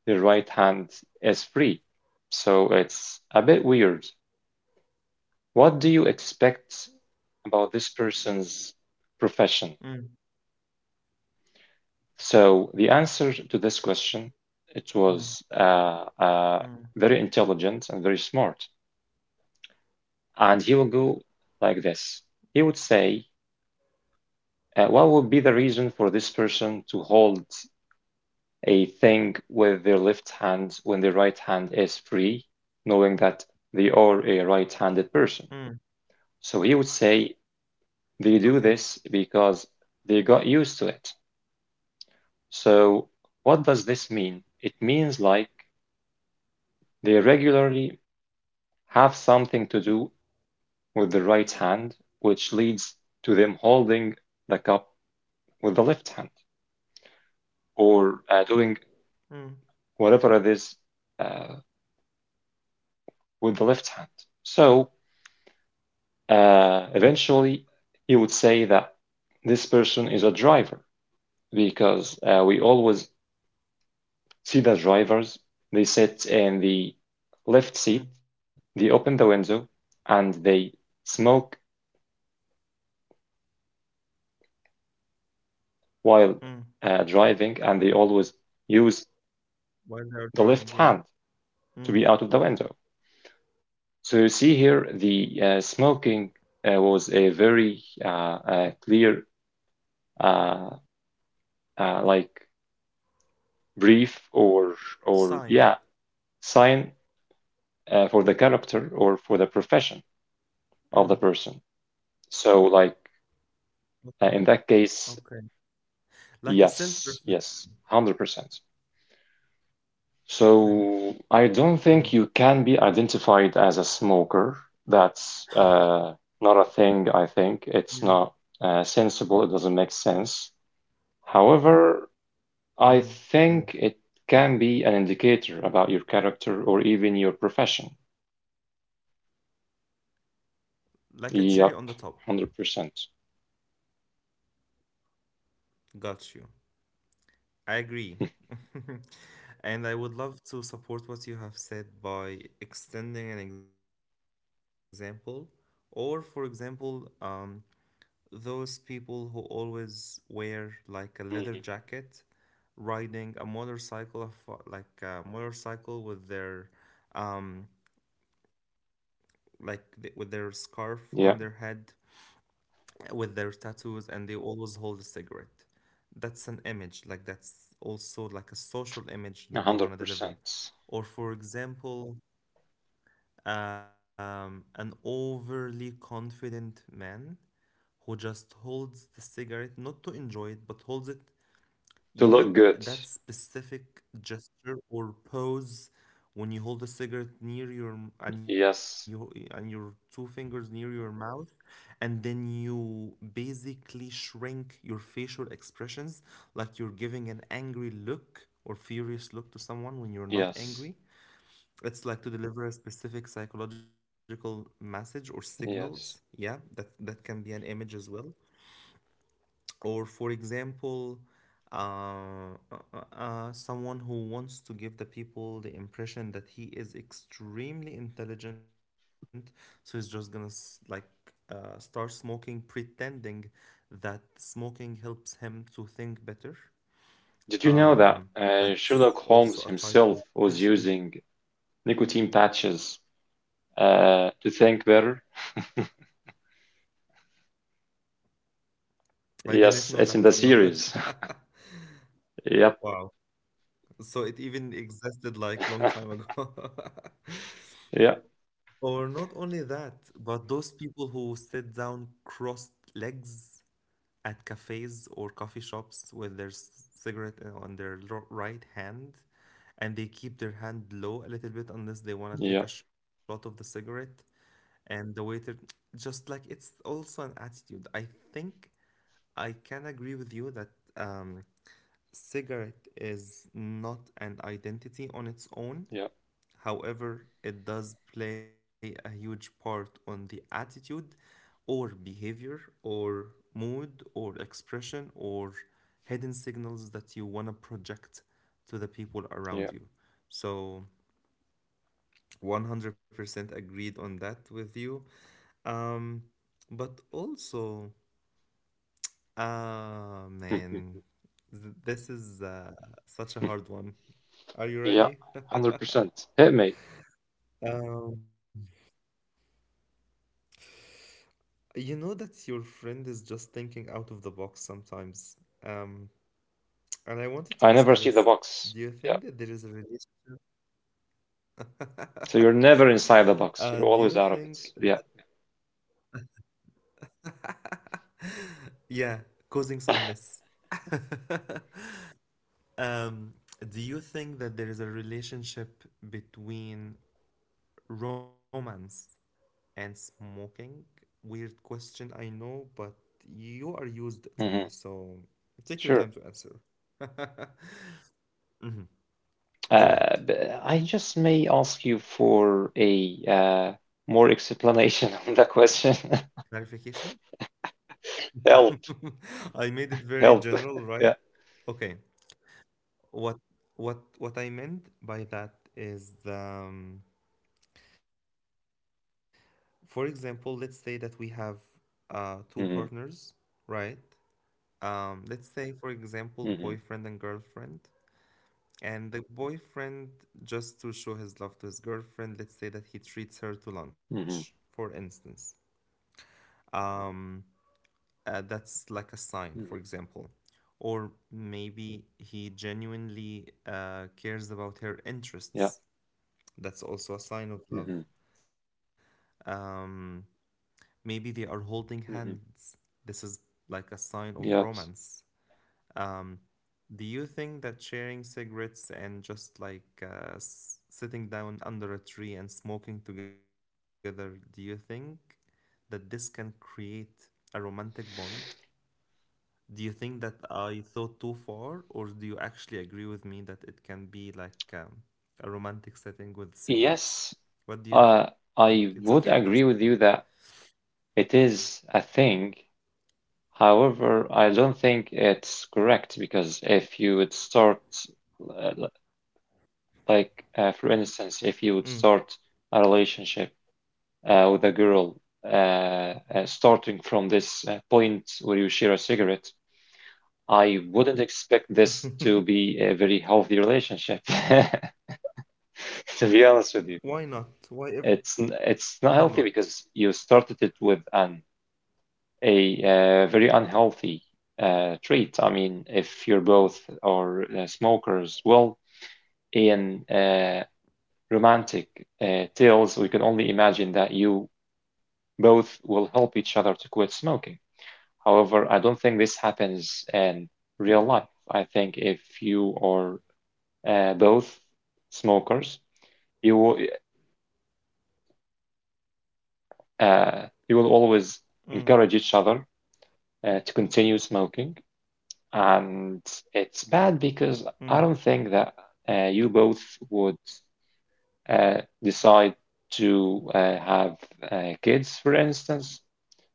Speaker 2: the right hand is free. So it's a bit weird. What do you expect about this person's profession?
Speaker 1: mm,
Speaker 2: So the answer to this question, it
Speaker 1: mm,
Speaker 2: was
Speaker 1: mm,
Speaker 2: very intelligent and very smart. And he will go like this. He would say, what would be the reason for this person to hold a thing with their left hand when their right hand is free, knowing that they are a
Speaker 1: mm.
Speaker 2: right-handed person? So he would say,
Speaker 1: Okay.
Speaker 2: they do this because they got used to it. So what does this mean? It means like they regularly have something to do with the right hand, which leads to them holding the cup with the left hand or doing
Speaker 1: Mm,
Speaker 2: whatever it is uh, with the left hand. So
Speaker 1: mm,
Speaker 2: eventually, you would say that this person is a driver because we always see the drivers. They sit in the left seat,
Speaker 1: mm,
Speaker 2: they open the window, and they smoke while
Speaker 1: mm.
Speaker 2: driving, and they always use
Speaker 1: While they're
Speaker 2: the left
Speaker 1: driving, yeah.
Speaker 2: hand to be
Speaker 1: Mm.
Speaker 2: out of the window. So you see here the smoking was a very clear, uh, like brief or yeah
Speaker 1: Sign.
Speaker 2: sign for the character or for the profession
Speaker 1: Mm.
Speaker 2: of the person. So like
Speaker 1: o-
Speaker 2: in that
Speaker 1: Okay.
Speaker 2: case,
Speaker 1: Like a self-reflection.
Speaker 2: yes, yes, 100%.
Speaker 1: Okay.
Speaker 2: So I don't
Speaker 1: Mm,
Speaker 2: think you can be identified as a smoker. That's not a thing, I
Speaker 1: mm,
Speaker 2: think. It's not sensible. It doesn't make sense. However, I
Speaker 1: mm, mm.
Speaker 2: think it can be an indicator about your character or even your profession.
Speaker 1: Like a cherry on the top.
Speaker 2: Yep, 100%.
Speaker 1: Got you. I agree. (laughs) And I would love to support what you have said by extending an example, or for example, those people who always wear, like, a leather jacket,
Speaker 2: Mhm.
Speaker 1: riding a motorcycle, like, a motorcycle with their, um, like with their scarf on their head,
Speaker 2: Yeah,
Speaker 1: with their tattoos, and they always hold a cigarette. That's an image, like, that's also like a social image that they want to deliver.
Speaker 2: 100%.
Speaker 1: Or for example, an overly confident man who just holds the cigarette not to enjoy it but holds it you
Speaker 2: To
Speaker 1: know
Speaker 2: look good.
Speaker 1: that specific gesture or pose when you hold the cigarette near your m- and you
Speaker 2: Yes,
Speaker 1: and your two fingers near your mouth, and then you basically shrink your facial expressions, like you're giving an angry look or furious look to someone when you're not
Speaker 2: yes,
Speaker 1: angry. It's like to deliver a specific psychological message or signals.
Speaker 2: yes.
Speaker 1: Yeah, that can be an image as well. Or for example, someone who wants to give the people the impression that he is extremely intelligent, so he's just gonna start smoking pretending that smoking helps him to think better.
Speaker 2: Did you know
Speaker 1: um,
Speaker 2: that
Speaker 1: that's
Speaker 2: Sherlock
Speaker 1: also a
Speaker 2: Holmes
Speaker 1: type of
Speaker 2: himself was
Speaker 1: attitude.
Speaker 2: using nicotine patches to think better.
Speaker 1: I didn't know that, to be
Speaker 2: Yes, it's in
Speaker 1: honest.
Speaker 2: the
Speaker 1: (laughs)
Speaker 2: series.
Speaker 1: Wow,
Speaker 2: (laughs) yep.
Speaker 1: so it even existed like long time ago. (laughs)
Speaker 2: (laughs) yeah.
Speaker 1: Or not only that, but those people who sit down crossed legs at cafes or coffee shops with their cigarette on their right hand, and they keep their hand low a little bit unless they want
Speaker 2: Yeah.
Speaker 1: to take a shot of the cigarette. And the waiter, just like, it's also an attitude. I think I can agree with you that, um, cigarette is not an identity on its own.
Speaker 2: Yeah.
Speaker 1: However, it does play a huge part on the attitude or behavior or mood or expression or hidden signals that you want to project to the people
Speaker 2: Yeah.
Speaker 1: around you. So, 100% agreed on that with you. Um, but also, ah, man,
Speaker 2: (laughs)
Speaker 1: this is such a hard one. Are you
Speaker 2: yeah. one
Speaker 1: ready? (laughs)
Speaker 2: Hundred percent. Hit me.
Speaker 1: Um, You know that your friend is just thinking out of the box sometimes. Um, and I wanted to
Speaker 2: I
Speaker 1: ask you
Speaker 2: never see the
Speaker 1: this.
Speaker 2: box.
Speaker 1: Do you
Speaker 2: Yeah.
Speaker 1: think that there is a relation?
Speaker 2: So you're
Speaker 1: (laughs)
Speaker 2: never inside the box.
Speaker 1: Do
Speaker 2: You're
Speaker 1: you
Speaker 2: always out of
Speaker 1: think
Speaker 2: it. Yeah.
Speaker 1: that- (laughs) Yeah, causing some
Speaker 2: (laughs)
Speaker 1: mess. (laughs) Um, do you think that there is a relationship between romance and smoking? Weird question, I know, but you are used to me,
Speaker 2: hmm
Speaker 1: so take your time
Speaker 2: Sure.
Speaker 1: to answer. (laughs) Mhm. Go ahead.
Speaker 2: But I just may ask you for a more explanation (laughs) on the question.
Speaker 1: Clarification?
Speaker 2: (laughs)
Speaker 1: (laughs)
Speaker 2: Help.
Speaker 1: I made it very
Speaker 2: Help.
Speaker 1: general, right?
Speaker 2: (laughs) Yeah.
Speaker 1: Okay. What what I meant by that is, for example, let's say that we have two partners,
Speaker 2: hmm
Speaker 1: right? Let's say for example, boyfriend and
Speaker 2: hmm
Speaker 1: girlfriend. And the boyfriend, just to show his love to his girlfriend, let's say that he treats her to lunch, for
Speaker 2: hmm
Speaker 1: instance. Um, that's like a sign, for
Speaker 2: hmm
Speaker 1: example. Or maybe he genuinely cares about her
Speaker 2: Yeah.
Speaker 1: interests. That's also a sign of
Speaker 2: hmm
Speaker 1: love. Um, Maybe they are holding
Speaker 2: hmm
Speaker 1: hands. This is like a sign of
Speaker 2: Yep.
Speaker 1: romance. Um, Do you think that sharing cigarettes and just like sitting down under a tree and smoking together, do you think that this can create a romantic bond? Do you think that I thought too far, or do you actually agree with me that it can be like, a romantic setting with cigarettes?
Speaker 2: Yes,
Speaker 1: What do you
Speaker 2: uh,
Speaker 1: think? It's okay to
Speaker 2: I would
Speaker 1: disagree.
Speaker 2: agree with you that it is a thing. However, I don't think it's correct because if you would start, uh, l- like, for instance, if you would start a relationship with a girl, starting from this point where you share a cigarette, I wouldn't expect this to
Speaker 1: Mm.
Speaker 2: be a very healthy relationship, (laughs) to be honest with you.
Speaker 1: (laughs) Why not? Why
Speaker 2: It's
Speaker 1: ever not?
Speaker 2: it's not healthy because you started it with an a very unhealthy trait. I mean, if you're both are smokers, well, in romantic tales, we can only imagine that you both will help each other to quit smoking. However, I don't think this happens in real life. I think if you are both smokers, you will uh, you will
Speaker 1: Mm,
Speaker 2: always encourage each other to continue smoking. And it's bad because
Speaker 1: mm,
Speaker 2: I don't think that you both would decide to have kids, for instance,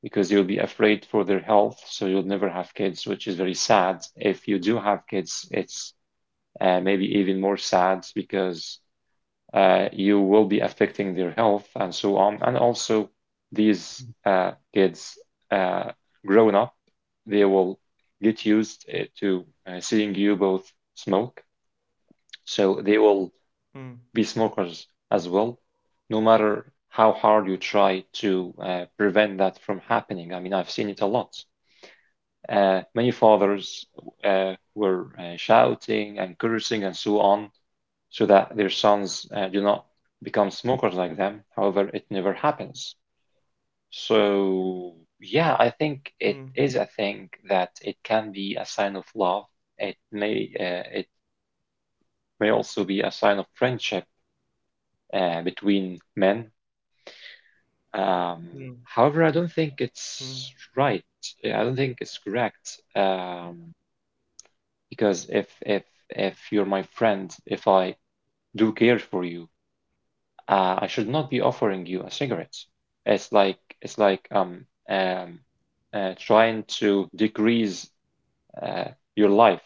Speaker 2: because you'll be afraid for their health, so you'll never have kids, which is very sad. If you do have kids, it's maybe even more sad because you will be affecting their health and so on. And also, these kids uh, grown up, they will get used to seeing you both smoke. So they will be
Speaker 1: mm,
Speaker 2: smokers as well, no matter how hard you try to prevent that from happening. I mean, I've seen it a lot. Many fathers were shouting and cursing and so on so that their sons do not become smokers like them. However, it never happens. So, yeah,
Speaker 1: mm,
Speaker 2: I
Speaker 1: mm,
Speaker 2: think it is a thing that it can be a sign of love. It may also be a sign of friendship between men. Um, however, I don't
Speaker 1: mm,
Speaker 2: think it's right. Yeah, I don't think it's correct. Because if you're my friend, if I do care for you, I should not be offering you a cigarette. It's like um trying to decrease uh, your life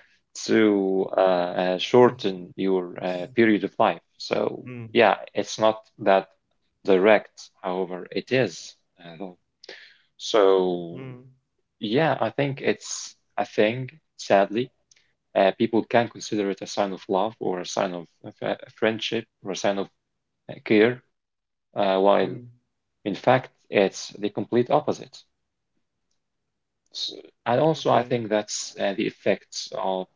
Speaker 2: (laughs) to shorten
Speaker 1: mm,
Speaker 2: your period of life. So yeah,
Speaker 1: mm.
Speaker 2: it's not that direct. However, it is. So
Speaker 1: Mm,
Speaker 2: yeah, I think it's a thing. Sadly, people can consider it a sign of love or a sign of friendship or a sign of care while
Speaker 1: mm,
Speaker 2: in fact it's the complete opposite. S- and also, I think
Speaker 1: okay.
Speaker 2: that's the effects of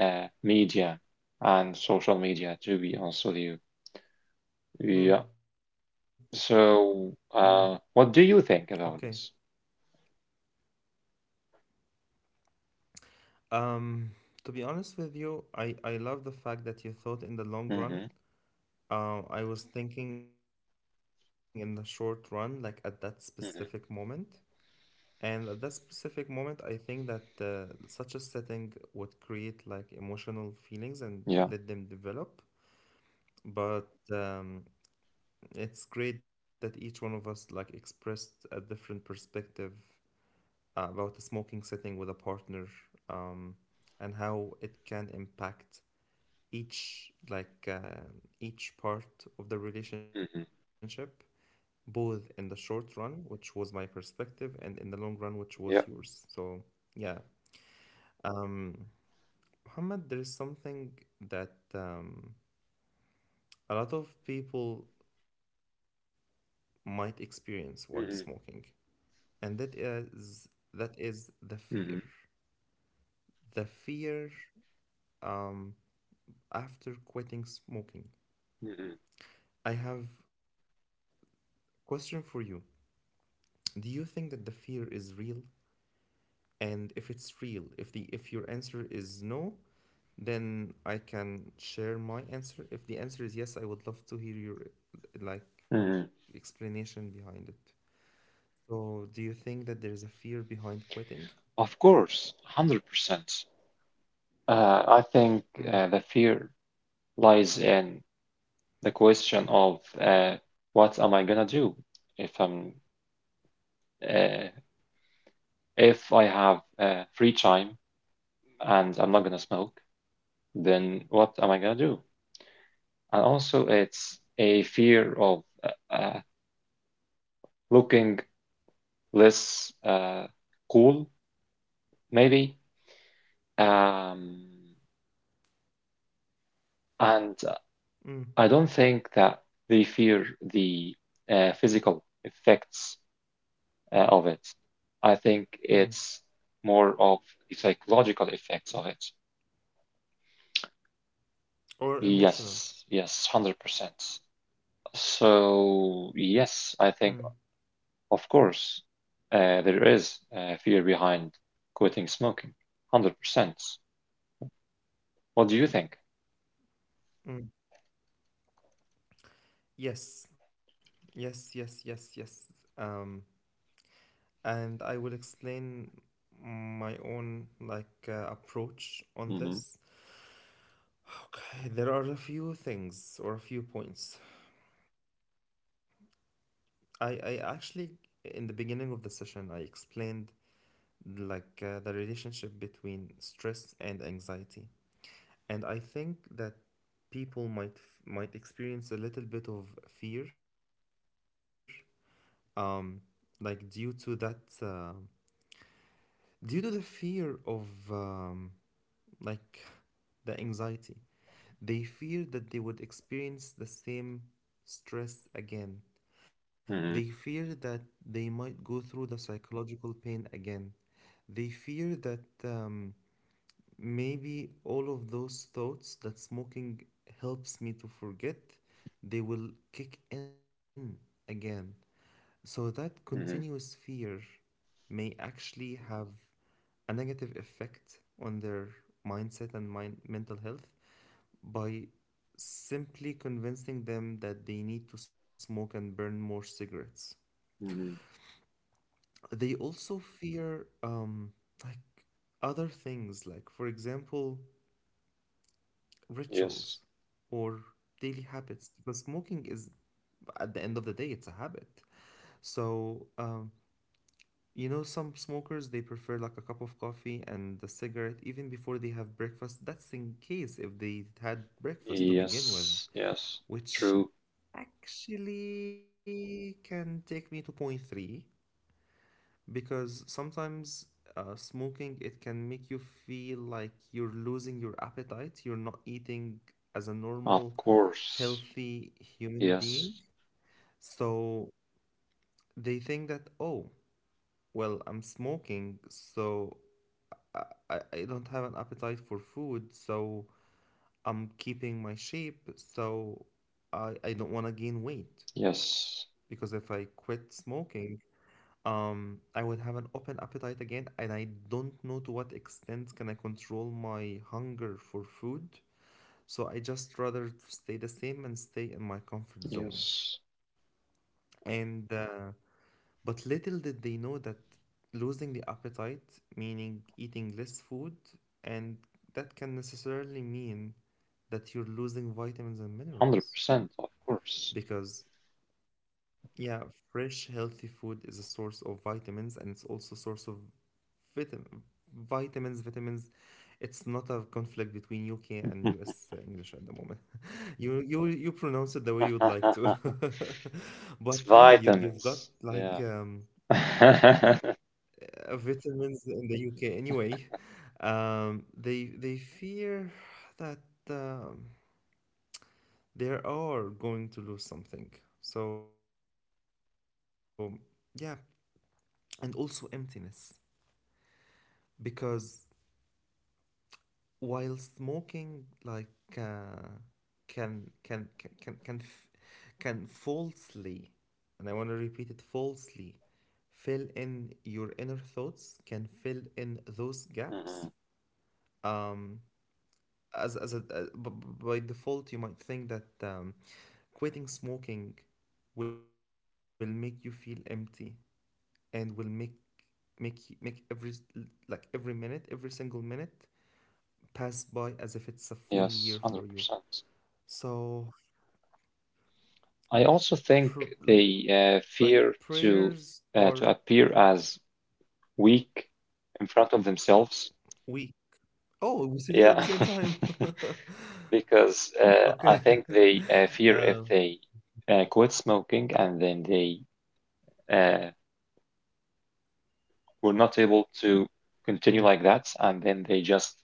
Speaker 2: media and social media, to be honest with you. Yeah.
Speaker 1: Mm, mm,
Speaker 2: So, what do you think
Speaker 1: okay.
Speaker 2: about this?
Speaker 1: Um, to be honest with you, I love the fact that you thought in the long
Speaker 2: Hmm
Speaker 1: run. I was thinking in the short run, like at that specific moment.
Speaker 2: hmm
Speaker 1: And at that specific moment, I think that such a setting would create like emotional feelings and let them
Speaker 2: Yeah.
Speaker 1: develop. But, um, it's great that each one of us like expressed a different perspective about the smoking setting with a partner, um, and how it can impact each, each part of the relationship,
Speaker 2: hmm
Speaker 1: both in the short run, which was my perspective, and in the long run, which was yours.
Speaker 2: Yeah.
Speaker 1: So, yeah. um Muhammad, there is something that, a lot of people might experience while smoking,
Speaker 2: hmm
Speaker 1: and that is, the fear,
Speaker 2: hmm
Speaker 1: the fear, um after quitting smoking. I have a question for you. Do you think that the fear is real? And if it's real, if your answer is no, then I can share my answer. If the answer is yes, I would love to hear your like
Speaker 2: hmm hmm
Speaker 1: explanation behind it. So, do you think that there is a fear behind quitting?
Speaker 2: Of course, 100%. I think
Speaker 1: Mm,
Speaker 2: the fear lies in the question of what am I gonna do if I'm Uh, if I have free time and I'm not gonna smoke, then what am I gonna do? And also, it's a fear of looking less cool, maybe. Um, and
Speaker 1: mm,
Speaker 2: I don't think that they fear the physical effects of it. I think
Speaker 1: mm.
Speaker 2: it's more of the psychological effects of it.
Speaker 1: Or emotional?
Speaker 2: Yes, yes, 100%. So,
Speaker 1: Mm,
Speaker 2: yes, I think, of course, there is fear behind quitting smoking. 100%. What do you think?
Speaker 1: mm. Yes, yes, yes, yes, yes. Um, and I will explain my own approach on
Speaker 2: Mm-hmm.
Speaker 1: this. Okay, there are a few things or a few points. I actually, in the beginning of the session, I explained the relationship between stress and anxiety, and I think that people might experience a little bit of fear, um like due to that, due to the fear of, like the anxiety. They fear that they would experience the same stress again. They fear
Speaker 2: Mm-hmm.
Speaker 1: that they might go through the psychological pain again. They fear that, maybe all of those thoughts that smoking helps me to forget, they will kick in again. So that continuous
Speaker 2: Mm-hmm.
Speaker 1: fear may actually have a negative effect on their mindset and mind mental health, by simply convincing them that they need to smoke and burn more cigarettes.
Speaker 2: Mm-hmm.
Speaker 1: They also fear, like other things, like for example,
Speaker 2: Yes.
Speaker 1: rituals or daily habits, because smoking is, at the end of the day, it's a habit. So, you know, some smokers, they prefer like a cup of coffee and a cigarette even before they have breakfast. That's in case if they had breakfast to begin with,
Speaker 2: Yes. Yes.
Speaker 1: which
Speaker 2: True.
Speaker 1: actually can take me to point three, because sometimes, smoking, it can make you feel like you're losing your appetite, you're not eating as a
Speaker 2: Of
Speaker 1: normal
Speaker 2: course.
Speaker 1: healthy human
Speaker 2: Yes.
Speaker 1: being. So they think that, oh, well, I'm smoking, so i, I don't have an appetite for food, so I'm keeping my shape, so I don't want to gain weight,
Speaker 2: Yes.
Speaker 1: because if I quit smoking, I would have an open appetite again, and I don't know to what extent can I control my hunger for food. So I just rather to stay the same and stay in my comfort zone.
Speaker 2: Yes.
Speaker 1: And but little did they know that losing the appetite, meaning eating less food, and that can necessarily mean that you're losing vitamins and minerals,
Speaker 2: 100%. Of course. (laughs)
Speaker 1: because, yeah, fresh healthy food is a source of vitamins and it's also source of Vitam- vitamins, vitamins. It's not a conflict between UK and US English at the moment. (laughs) You pronounce it the way you would like to, (laughs) but
Speaker 2: It's
Speaker 1: yeah, you you've got
Speaker 2: vitamins.
Speaker 1: like,
Speaker 2: Yeah. (laughs)
Speaker 1: vitamins in the UK anyway. They fear that, um, they are going to lose something. So yeah, and also emptiness, because while smoking like, uh, can can can can can, f- can falsely, and I want to repeat it, falsely, fill in your inner thoughts, can fill in those gaps,
Speaker 2: Mhm.
Speaker 1: um as a, by default, you might think that, quitting smoking will make you feel empty and will make make every like every minute, every single minute, pass by as if it's a full year
Speaker 2: Yes.
Speaker 1: for you.
Speaker 2: 100%.
Speaker 1: So,
Speaker 2: I also think
Speaker 1: pr like
Speaker 2: they fear
Speaker 1: prayers or
Speaker 2: to to appear as weak in front of themselves.
Speaker 1: we? Oh, we said it at the same
Speaker 2: Yeah,
Speaker 1: time.
Speaker 2: (laughs)
Speaker 1: (laughs)
Speaker 2: because
Speaker 1: Okay.
Speaker 2: I think they
Speaker 1: (laughs)
Speaker 2: fear if
Speaker 1: Um,
Speaker 2: they quit smoking and then they uh, were not able to continue
Speaker 1: mm,
Speaker 2: like that, and then they just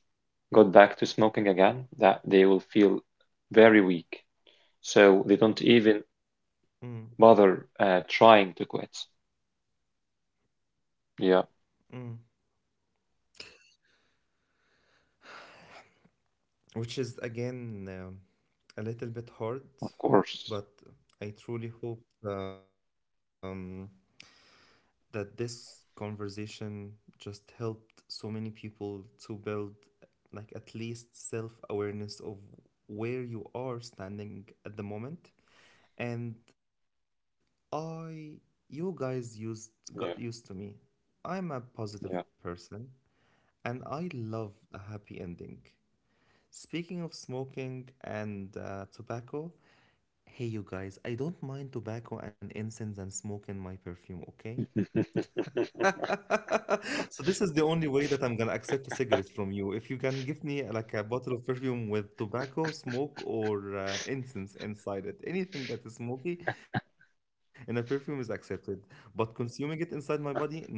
Speaker 2: got back to smoking again, that they will feel very weak. So they don't even
Speaker 1: mm,
Speaker 2: bother trying to quit. Yeah,
Speaker 1: mm. Which is again, a little bit hard,
Speaker 2: of course.
Speaker 1: but I truly hope, that this conversation just helped so many people to build like at least self-awareness of where you are standing at the moment, and I, you guys used, got used to
Speaker 2: Yeah,
Speaker 1: me. I'm a positive
Speaker 2: yeah.
Speaker 1: person, and I love a happy ending. Speaking of smoking and, tobacco, hey you guys, I don't mind tobacco and incense and smoke in my perfume, okay?
Speaker 2: (laughs)
Speaker 1: (laughs) So this is the only way that I'm gonna accept a cigarette from you. If you can give me, like a bottle of perfume with tobacco, smoke, or, incense inside it, anything that is smoky in a perfume is accepted. But consuming it inside my body, no, thank you.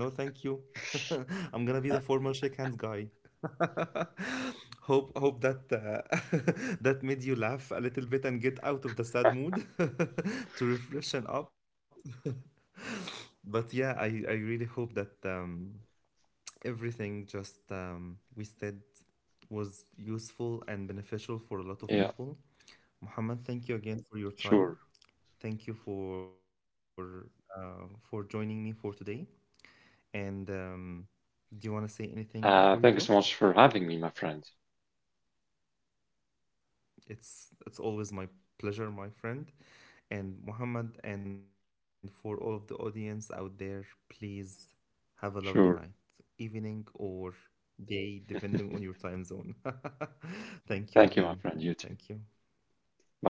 Speaker 1: (laughs) I'm gonna be the formal shake hands guy. Hope that, (laughs) that made you laugh a little bit and get out of the sad mood (laughs) to refreshen up. But yeah, I really hope that. Everything just, we said was useful and beneficial for a lot
Speaker 2: Yeah,
Speaker 1: of people. Muhammad, thank you again for your
Speaker 2: sure.
Speaker 1: time. Thank you for, for joining me for today. And, do you want to say anything before you go?
Speaker 2: Thank you so much for having me, my friend.
Speaker 1: It's always my pleasure, my friend. And Muhammad, and for all of the audience out there, please have a lovely night,
Speaker 2: Sure.
Speaker 1: evening or day, depending on your time zone. (laughs) Thank you
Speaker 2: Thank you, my
Speaker 1: again.
Speaker 2: friend. You too.
Speaker 1: Thank you.
Speaker 2: Bye.